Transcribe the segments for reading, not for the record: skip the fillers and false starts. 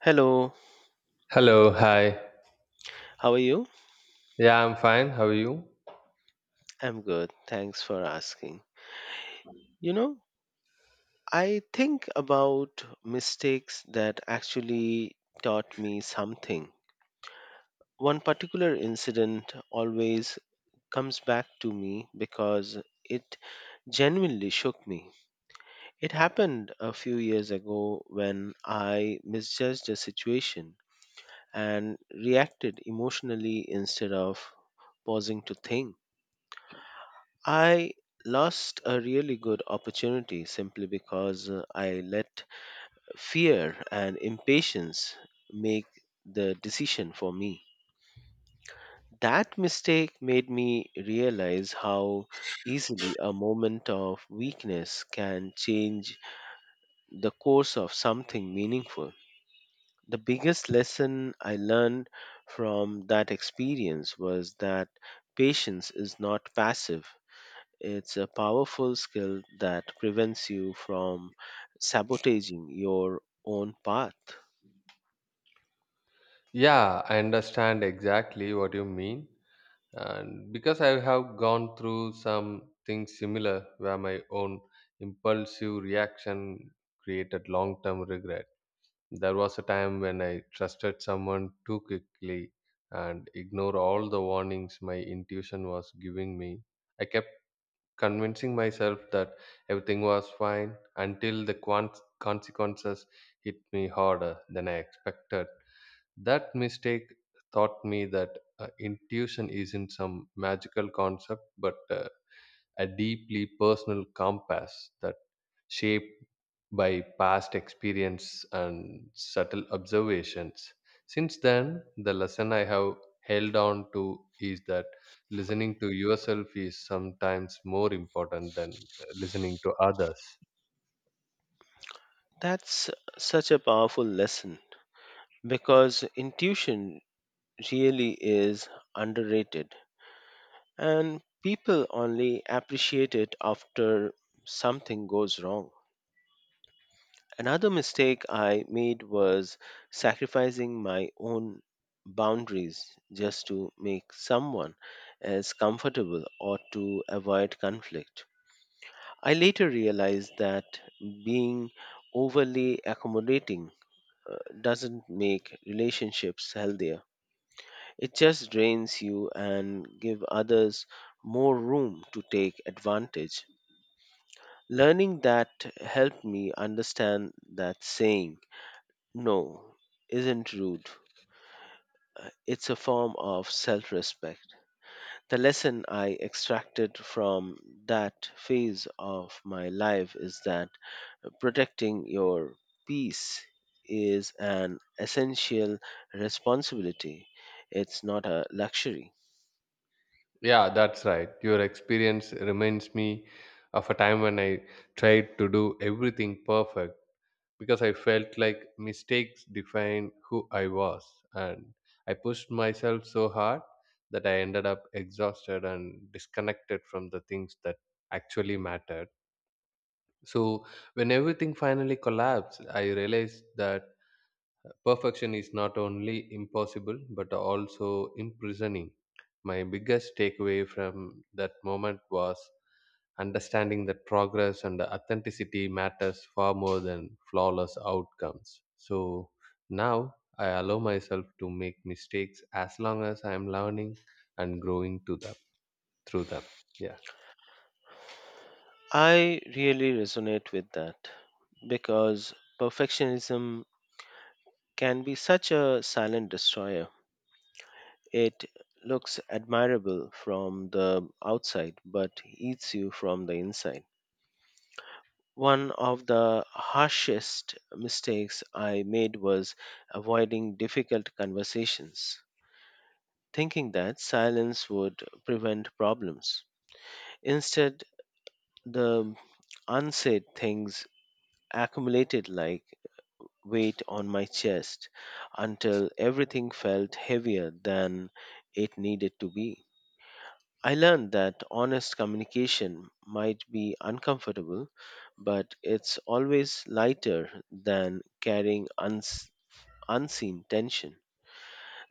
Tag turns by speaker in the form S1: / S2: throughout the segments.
S1: Hello,
S2: Hello, hi.
S1: how are you?
S2: Yeah, I'm fine. How are you?
S1: I'm good. Thanks for asking. You know, I think about mistakes that actually taught me something. One particular incident always comes back to me because it genuinely shook me. It happened a few years ago when I misjudged a situation and reacted emotionally instead of pausing to think. I lost a really good opportunity simply because I let fear and impatience make the decision for me. That mistake made me realize how easily a moment of weakness can change the course of something meaningful. The biggest lesson I learned from that experience was that patience is not passive. It's a powerful skill that prevents you from sabotaging your own path.
S2: Yeah, I understand exactly what you mean. And because I have gone through some things similar where my own impulsive reaction created long term regret. There was a time when I trusted someone too quickly and ignored all the warnings my intuition was giving me. I kept convincing myself that everything was fine until the consequences hit me harder than I expected. That mistake taught me that intuition isn't some magical concept but a deeply personal compass that shaped by past experience and subtle observations. Since then, the lesson I have held on to is that listening to yourself is sometimes more important than listening to others.
S1: That's such a powerful lesson because intuition really is underrated and people only appreciate it after something goes wrong. Another mistake I made was sacrificing my own boundaries just to make someone else comfortable or to avoid conflict. I later realized that being overly accommodating doesn't make relationships healthier. It just drains you and give others more room to take advantage. Learning that helped me understand that saying no isn't rude. It's a form of self-respect. The lesson I extracted from that phase of my life is that protecting your peace is an essential responsibility. It's not a luxury.
S2: Yeah, that's right. Your experience reminds me of a time when I tried to do everything perfect because I felt like mistakes defined who I was. And I pushed myself so hard that I ended up exhausted and disconnected from the things that actually mattered. So, when everything finally collapsed, I realized that perfection is not only impossible but also imprisoning. My biggest takeaway from that moment was understanding that progress and authenticity matters far more than flawless outcomes. So now I allow myself to make mistakes as long as I am learning and growing to them through them. Yeah.
S1: I really resonate with that because perfectionism can be such a silent destroyer. It looks admirable from the outside but eats you from the inside. One of the harshest mistakes I made was avoiding difficult conversations, thinking that silence would prevent problems. Instead, the unsaid things accumulated like weight on my chest until everything felt heavier than it needed to be. I learned that honest communication might be uncomfortable, but it's always lighter than carrying unseen tension.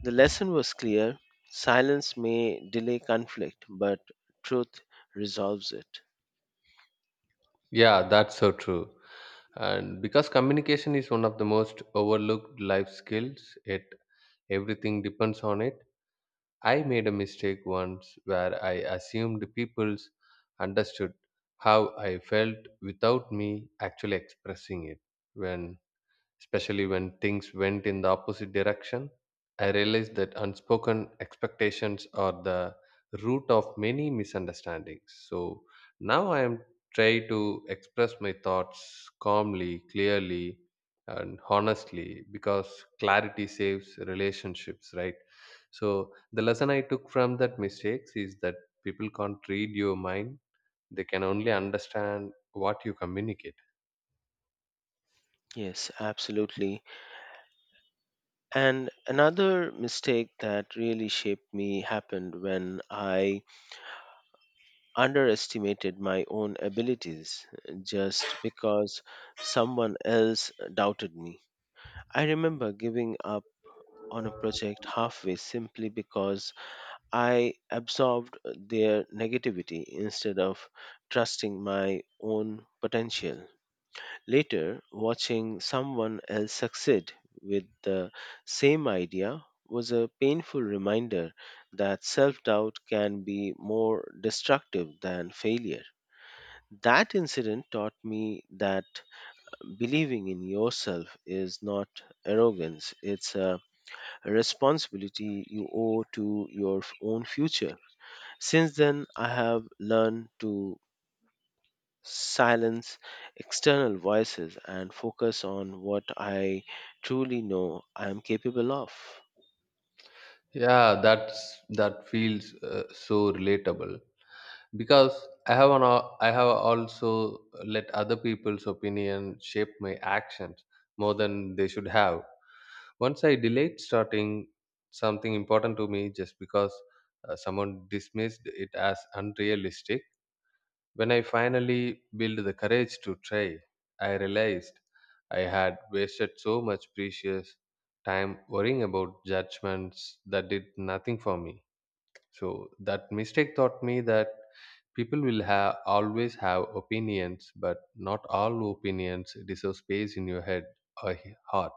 S1: The lesson was clear: silence may delay conflict, but truth resolves it.
S2: Yeah, that's so true. And because communication is one of the most overlooked life skills, yet everything depends on it. I made a mistake once where I assumed people understood how I felt without me actually expressing it. When Especially when things went in the opposite direction. I realized that unspoken expectations are the root of many misunderstandings. So now I am trying to express my thoughts calmly, clearly, and honestly because clarity saves relationships, right? So the lesson I took from that mistakes is that people can't read your mind; they can only understand what you communicate.
S1: Yes, absolutely. And another mistake that really shaped me happened when I underestimated my own abilities just because someone else doubted me. I remember giving up on a project halfway simply because I absorbed their negativity instead of trusting my own potential. Later, watching someone else succeed with the same idea was a painful reminder that self doubt can be more destructive than failure. That incident taught me that believing in yourself is not arrogance, it's a responsibility you owe to your own future. Since then, I have learned to silence external voices and focus on what I truly know I am capable of.
S2: Yeah, that's that feels so relatable because I have also let other people's opinion shape my actions more than they should have. Once I delayed starting something important to me just because someone dismissed it as unrealistic. When I finally built the courage to try, I realized I had wasted so much precious time worrying about judgments that did nothing for me. So that mistake taught me that people will have always have opinions, but not all opinions deserve space in your head or heart.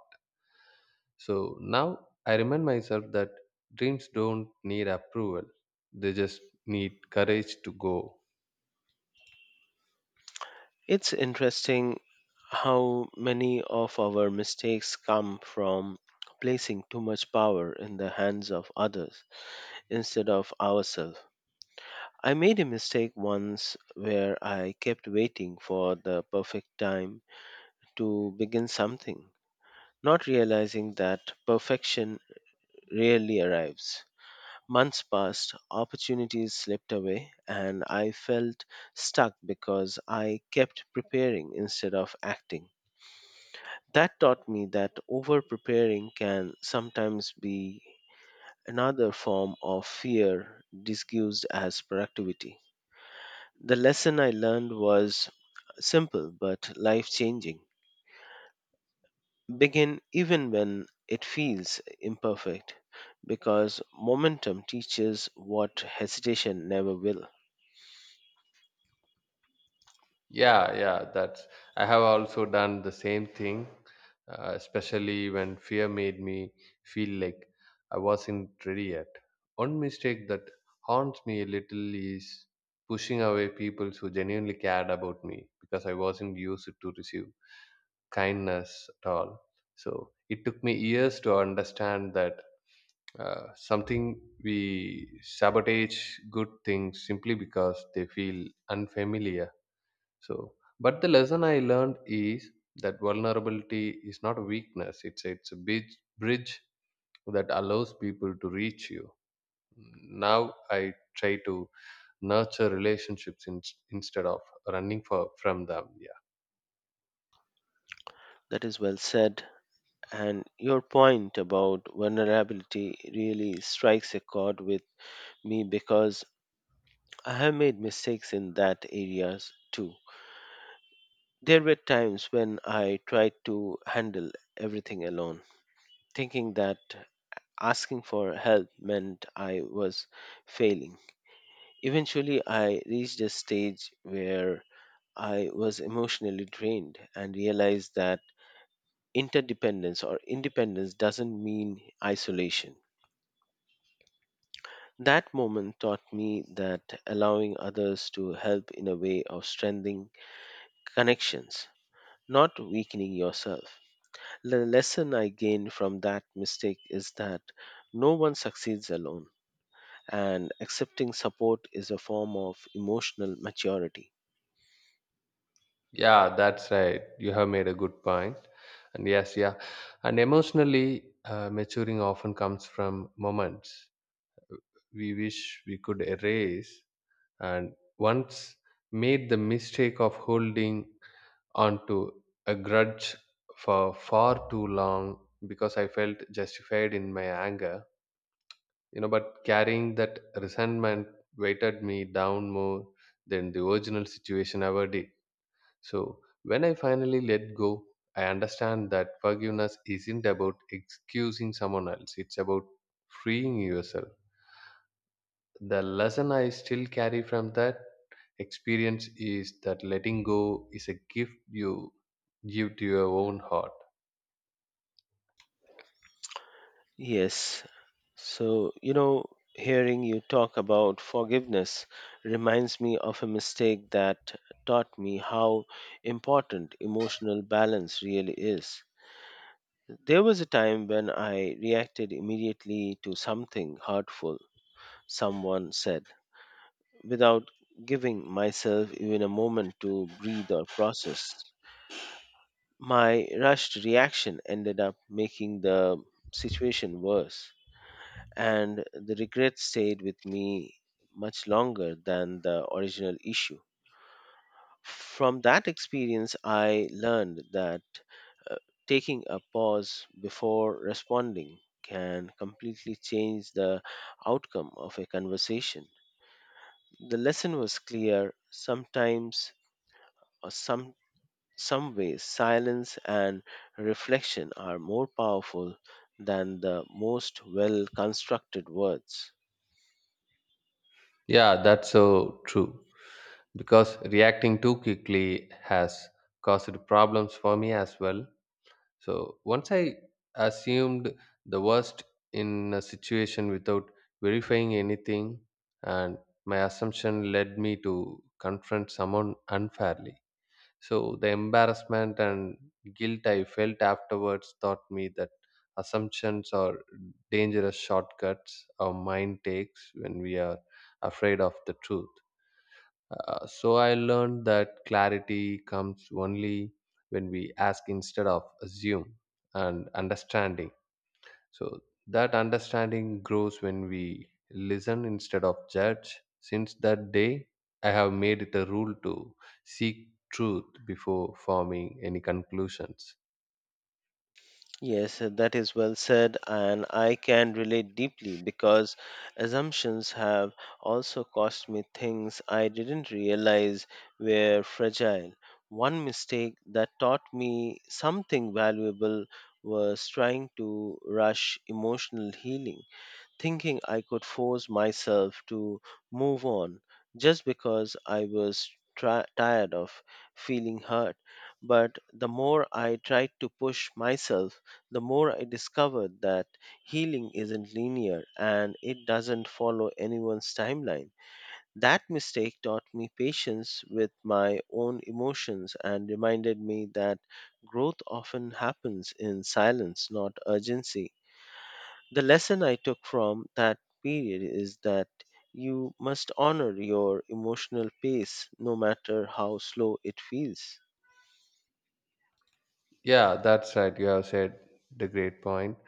S2: So now I remind myself that dreams don't need approval; they just need courage to go.
S1: It's interesting how many of our mistakes come from placing too much power in the hands of others instead of ourselves. I made a mistake once where I kept waiting for the perfect time to begin something, not realizing that perfection rarely arrives. Months passed, opportunities slipped away, and I felt stuck because I kept preparing instead of acting. That taught me that over preparing can sometimes be another form of fear disguised as productivity. The lesson I learned was simple but life changing: begin even when it feels imperfect because momentum teaches what hesitation never will.
S2: Yeah, yeah, that's. I have also done the same thing, especially when fear made me feel like I wasn't ready yet. One mistake that haunts me a little is pushing away people who genuinely cared about me because I wasn't used to receive kindness at all. So it took me years to understand that something we sabotage good things simply because they feel unfamiliar. So, but the lesson I learned is that vulnerability is not a weakness. It's a bridge that allows people to reach you. Now I try to nurture relationships instead of running for from them. Yeah,
S1: That is well said. And your point about vulnerability really strikes a chord with me because I have made mistakes in that areas too. There were times when I tried to handle everything alone, thinking that asking for help meant I was failing. Eventually, I reached a stage where I was emotionally drained and realized that interdependence or independence doesn't mean isolation. That moment taught me that allowing others to help in a way of strengthening connections, not weakening yourself. The lesson I gained from that mistake is that no one succeeds alone, and accepting support is a form of emotional maturity.
S2: yeah, that's right. You have made a good point. And yes, yeah, and emotionally maturing often comes from moments we wish we could erase, and once made the mistake of holding onto a grudge for far too long because I felt justified in my anger. You know, but carrying that resentment weighted me down more than the original situation ever did. So when I finally let go, I understand that forgiveness isn't about excusing someone else. It's about freeing yourself. The lesson I still carry from that experience is that letting go is a gift you give to your own heart.
S1: Yes. So, you know, hearing you talk about forgiveness reminds me of a mistake that taught me how important emotional balance really is. There was a time when I reacted immediately to something hurtful someone said without giving myself even a moment to breathe or process. My rushed reaction ended up making the situation worse and the regret stayed with me much longer than the original issue. From that experience, I learned that uh, taking a pause before responding can completely change the outcome of a conversation. The lesson was clear: sometimes, or some ways, silence and reflection are more powerful than the most well constructed words.
S2: Yeah, that's so true. Because reacting too quickly has caused problems for me as well. So once I assumed the worst in a situation without verifying anything, and my assumption led me to confront someone unfairly. So the embarrassment and guilt I felt afterwards taught me that assumptions are dangerous shortcuts our mind takes when we are afraid of the truth. So I learned that clarity comes only when we ask instead of assume and understanding. So that understanding grows when we listen instead of judge. Since that day, I have made it a rule to seek truth before forming any conclusions.
S1: Yes, that is well said, and I can relate deeply because assumptions have also cost me things I didn't realize were fragile. One mistake that taught me something valuable was trying to rush emotional healing, thinking I could force myself to move on just because I was tired of feeling hurt. But the more I tried to push myself, the more I discovered that healing isn't linear and it doesn't follow anyone's timeline. That mistake taught me patience with my own emotions and reminded me that growth often happens in silence, not urgency. The lesson I took from that period is that you must honor your emotional pace no matter how slow it feels.
S2: Yeah, that's right. You have said the great point.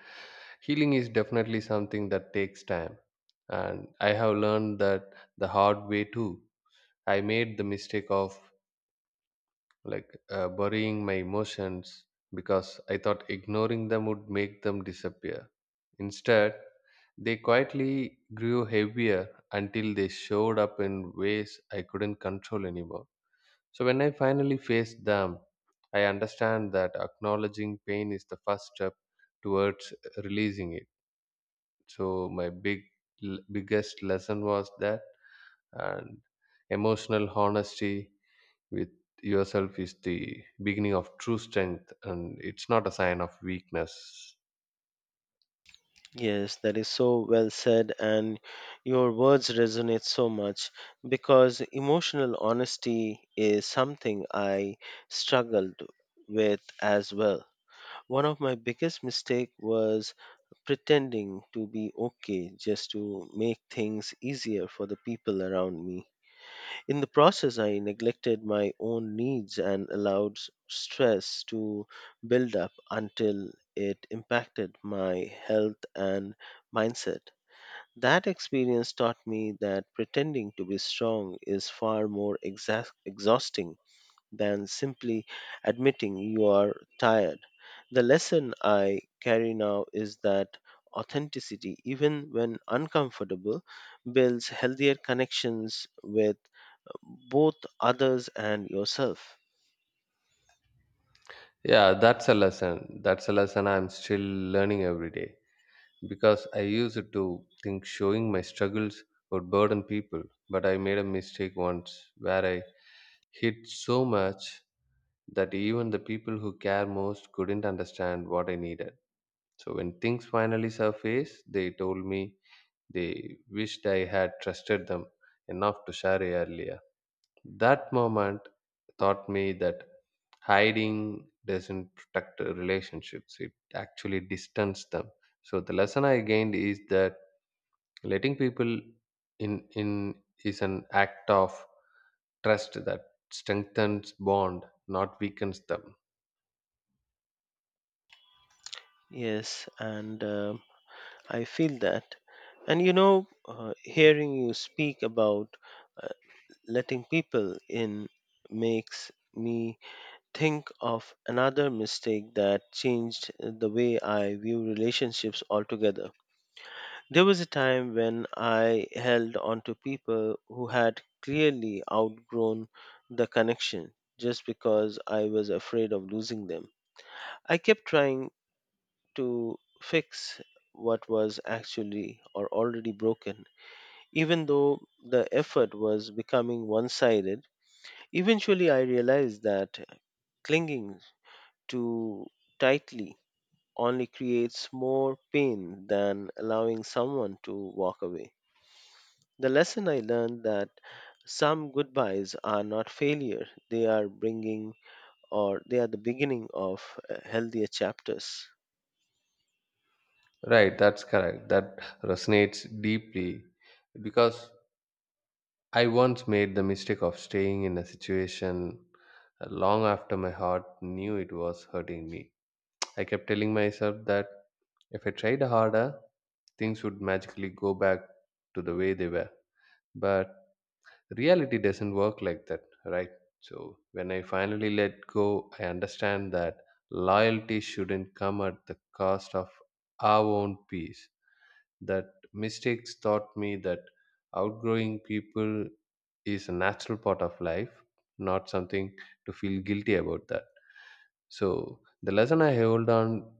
S2: Healing is definitely something that takes time. And I have learned that the hard way too. I made the mistake of like burying my emotions because I thought ignoring them would make them disappear. Instead, they quietly grew heavier until they showed up in ways I couldn't control anymore. So when I finally faced them, I understand that acknowledging pain is the first step towards releasing it. So my biggest lesson was that and emotional honesty with yourself is the beginning of true strength and it's not a sign of weakness.
S1: Yes, that is so well said, and your words resonate so much because emotional honesty is something I struggled with as well. One of my biggest mistakes was pretending to be okay just to make things easier for the people around me. In the process, I neglected my own needs and allowed stress to build up until it impacted my health and mindset. That experience taught me that pretending to be strong is far more exhausting than simply admitting you are tired. The lesson I carry now is that authenticity, even when uncomfortable, builds healthier connections with both others and yourself.
S2: Yeah, that's a lesson. That's a lesson I'm still learning every day, because I used to think showing my struggles would burden people. But I made a mistake once where I hid so much that even the people who care most couldn't understand what I needed. So when things finally surfaced, they told me they wished I had trusted them enough to share earlier. That moment taught me that hiding doesn't protect relationships, it actually distance them. So the lesson I gained is that letting people in is an act of trust that strengthens bond, not weakens them.
S1: Yes, and I feel that. And you know, hearing you speak about uh, letting people in makes me think of another mistake that changed the way I view relationships altogether. There was a time when I held on to people who had clearly outgrown the connection just because I was afraid of losing them. I kept trying to fix what was actually or already broken, even though the effort was becoming one sided. Eventually, I realized that clinging too tightly only creates more pain than allowing someone to walk away. The lesson I learned that some goodbyes are not failure, they are bringing, or they are the beginning of healthier chapters.
S2: Right, that's correct. That resonates deeply because I once made the mistake of staying in a situation long after my heart knew it was hurting me. I kept telling myself that if I tried harder, things would magically go back to the way they were. But reality doesn't work like that, right? So when I finally let go, I understand that loyalty shouldn't come at the cost of our own peace. That mistakes taught me that outgrowing people is a natural part of life, not something to feel guilty about that. So the lesson I hold on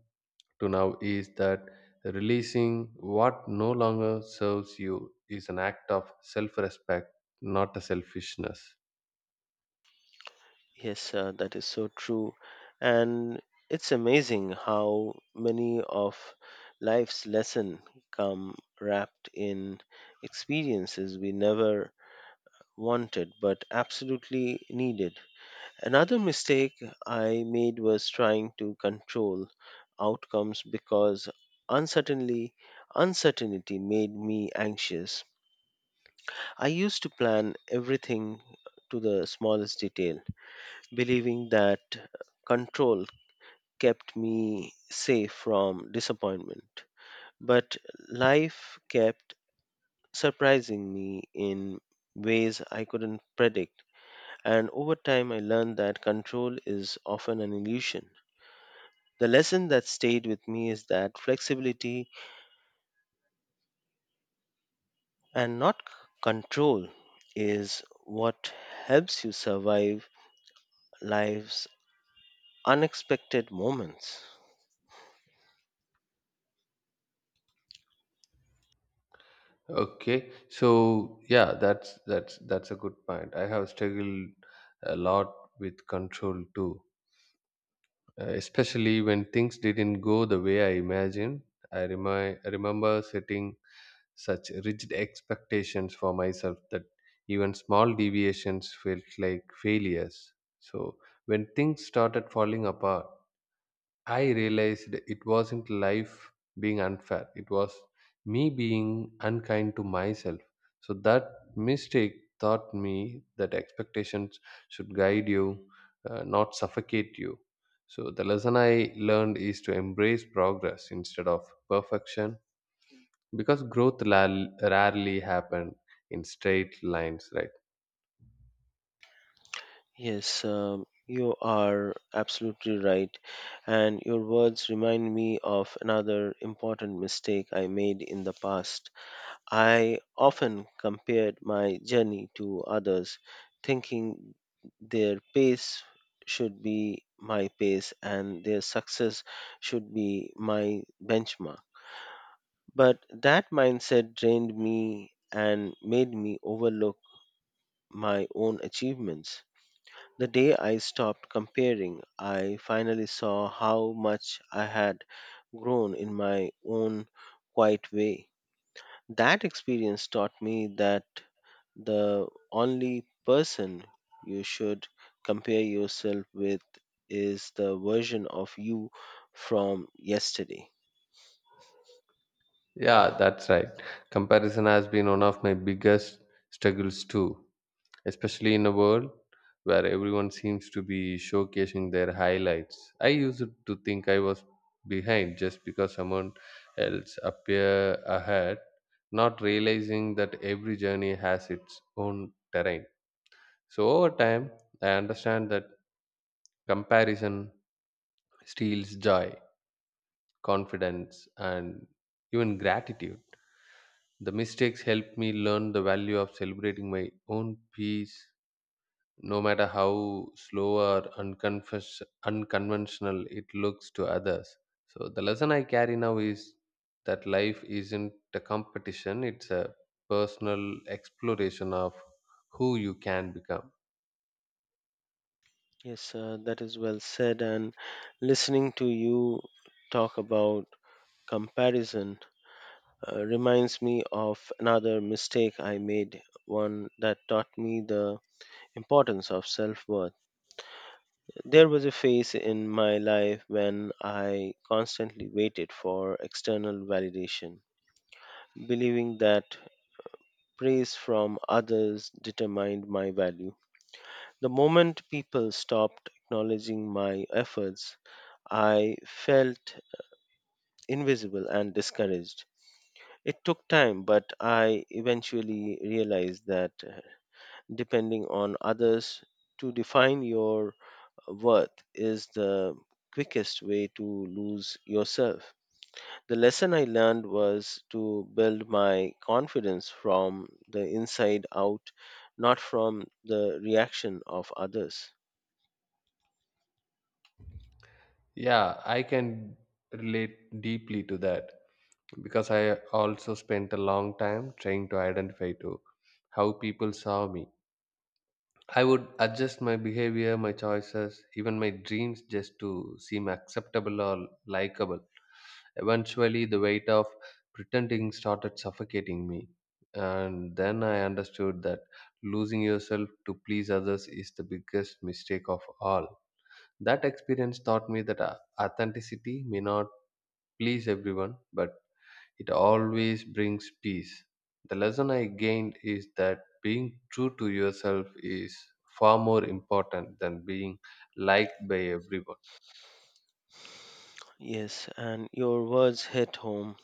S2: to now is that releasing what no longer serves you is an act of self respect, not a selfishness.
S1: Yes, that is so true. And it's amazing how many of life's lessons come wrapped in experiences we never wanted but absolutely needed. Another mistake I made was trying to control outcomes because uncertainty uncertainty made me anxious. I used to plan everything to the smallest detail, believing that control kept me safe from disappointment, but life kept surprising me in ways I couldn't predict. And over time, I learned that control is often an illusion. The lesson that stayed with me is that flexibility, and not control, is what helps you survive life's unexpected moments.
S2: Okay, so yeah, that's a good point. I have struggled a lot with control too, especially when things didn't go the way I imagined. I remember sitting such rigid expectations for myself that even small deviations felt like failures. So, when things started falling apart, I realized it wasn't life being unfair, it was me being unkind to myself. So, that mistake taught me that expectations should guide you, not suffocate you. So, the lesson I learned is to embrace progress instead of perfection because growth rarely happen in straight lines, right?
S1: Yes, you are absolutely right. And your words remind me of another important mistake I made in the past. I often compared my journey to others, thinking their pace should be my pace and their success should be my benchmark. But that mindset drained me and made me overlook my own achievements. The day I stopped comparing, I finally saw how much I had grown in my own quiet way. That experience taught me that the only person you should compare yourself with is the version of you from yesterday.
S2: Yeah, that's right. Comparison has been one of my biggest struggles too, especially in a world where everyone seems to be showcasing their highlights. I used to think I was behind just because someone else appear ahead, not realizing that every journey has its own terrain. So over time I understand that comparison steals joy, confidence, and even gratitude. The mistakes helped me learn the value of celebrating my own peace, no matter how slow or unconventional it looks to others. So, the lesson I carry now is that life isn't a competition, it's a personal exploration of who you can become.
S1: Yes, that is well said. And listening to you talk about comparison reminds me of another mistake I made, one that taught me the importance of self worth. There was a phase in my life when I constantly waited for external validation, believing that praise from others determined my value. The moment people stopped acknowledging my efforts, I felt invisible and discouraged. It took time, but I eventually realized that depending on others to define your worth is the quickest way to lose yourself. The lesson I learned was to build my confidence from the inside out, not from the reaction of others.
S2: Yeah, I can relate deeply to that, because I also spent a long time trying to identify to how people saw me. I would adjust my behavior, my choices, even my dreams just to seem acceptable or likable. Eventually, the weight of pretending started suffocating me. And then I understood that losing yourself to please others is the biggest mistake of all. That experience taught me that authenticity may not please everyone, but it always brings peace. The lesson I gained is that being true to yourself is far more important than being liked by everyone.
S1: Yes, and your words hit home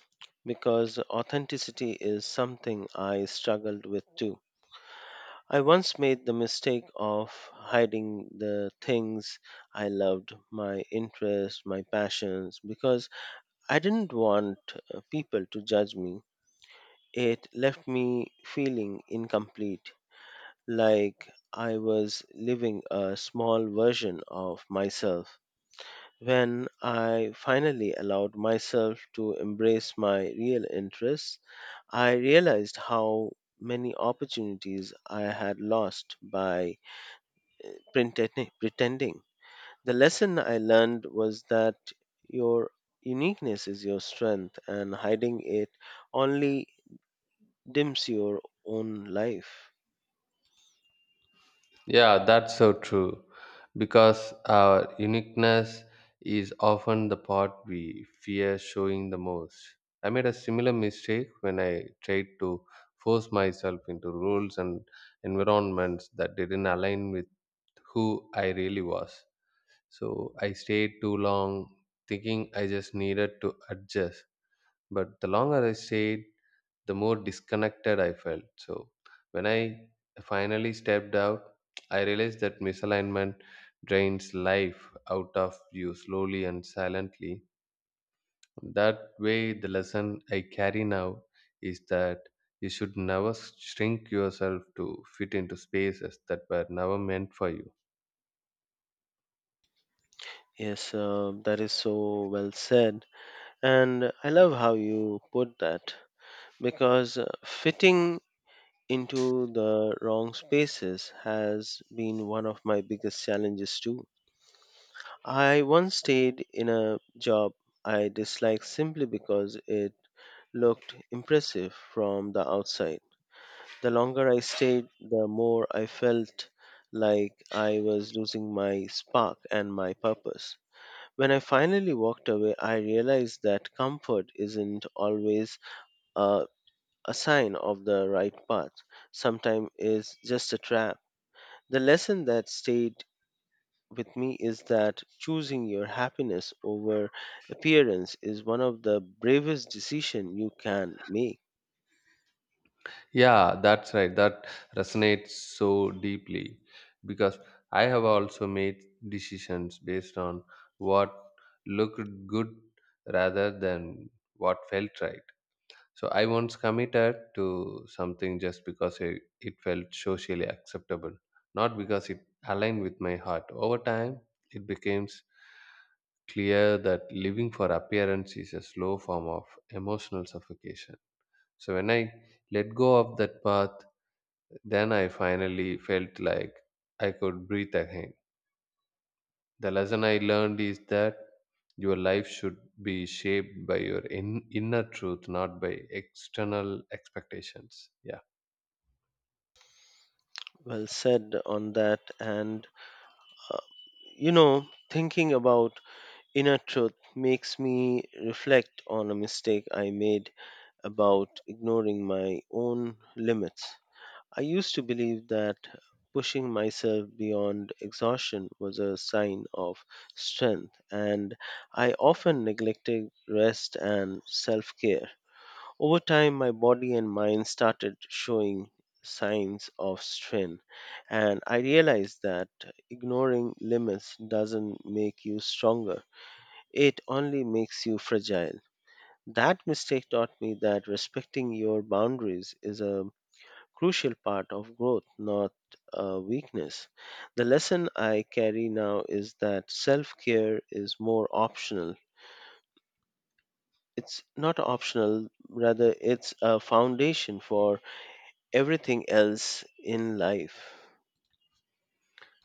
S1: because authenticity is something I struggled with too. I once made the mistake of hiding the things I loved, my interests, my passions, because I didn't want people to judge me. It left me feeling incomplete, like I was living a small version of myself. When I finally allowed myself to embrace my real interests, I realized how many opportunities I had lost by pretending. The lesson I learned was that your uniqueness is your strength and hiding it only dims your own life.
S2: Yeah, that's so true. Because our uniqueness is often the part we fear showing the most. I made a similar mistake when I tried to force myself into roles and environments that didn't align with who I really was. So I stayed too long, thinking I just needed to adjust. But the longer I stayed, the more disconnected I felt. So when I finally stepped out, I realized that misalignment drains life out of you slowly and silently. That way, the lesson I carry now is that you should never shrink yourself to fit into spaces that were never meant for you.
S1: Yes, that is so well said, and I love how you put that because fitting into the wrong spaces has been one of my biggest challenges too. I once stayed in a job I disliked simply because it looked impressive from the outside. The longer I stayed, the more I felt like I was losing my spark and my purpose. When I finally walked away, I realized that comfort isn't always a, a sign of the right path. Sometimes it's just a trap. The lesson that stayed with me is that choosing your happiness over appearance is one of the bravest decisions you can make.
S2: Yeah, that's right. That resonates so deeply because I have also made decisions based on what looked good rather than what felt right. So I once committed to something just because it felt socially acceptable, not because it aligned with my heart. Over time, it becomes clear that living for appearance is a slow form of emotional suffocation. So when I let go of that path, then I finally felt like I could breathe again. The lesson I learned is that your life should be shaped by your inner truth, not by external expectations. Yeah,
S1: Well said on that. And, uh, you know, thinking about inner truth makes me reflect on a mistake I made about ignoring my own limits. I used to believe that pushing myself beyond exhaustion was a sign of strength, and I often neglected rest and self care. Over time, my body and mind started showing signs of strain, and I realized that ignoring limits doesn't make you stronger, it only makes you fragile. That mistake taught me that respecting your boundaries is a crucial part of growth, not a weakness. The lesson I carry now is that self care is more optional. It's not optional, rather, it's a foundation for everything else in life.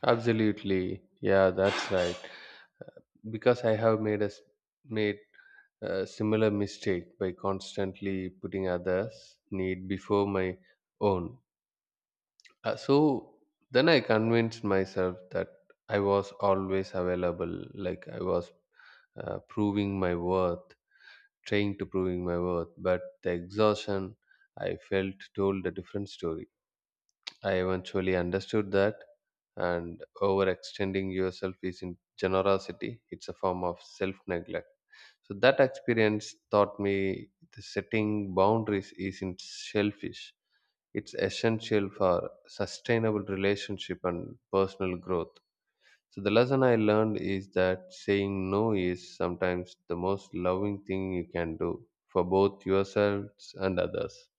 S2: absolutely. Yeah, that's right. Because I have made a similar mistake by constantly putting others' need before my own. So then I convinced myself that I was always available, like I was proving my worth, trying to proving my worth. But the exhaustion I felt told a different story. I eventually understood that, and overextending yourself is in generosity. It's a form of self neglect. So that experience taught me the setting boundaries isn't selfish, it's essential for sustainable relationship and personal growth. So the lesson I learned is that saying no is sometimes the most loving thing you can do for both yourselves and others.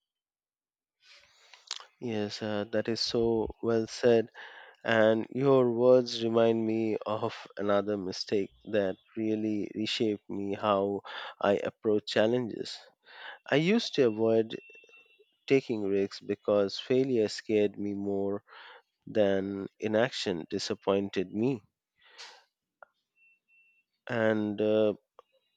S1: Yes, that is so well said. And your words remind me of another mistake that really reshaped me how I approach challenges. I used to avoid taking risks because failure scared me more than inaction disappointed me. And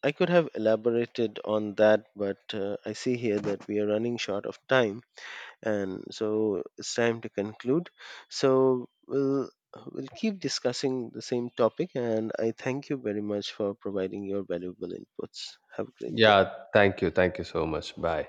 S1: I could have elaborated on that, but I see here that we are running short of time. And so it's time to conclude. So we'll keep discussing the same topic, and I thank you very much for providing your valuable inputs. Have a great day.
S2: Yeah, thank you, thank you so much, bye.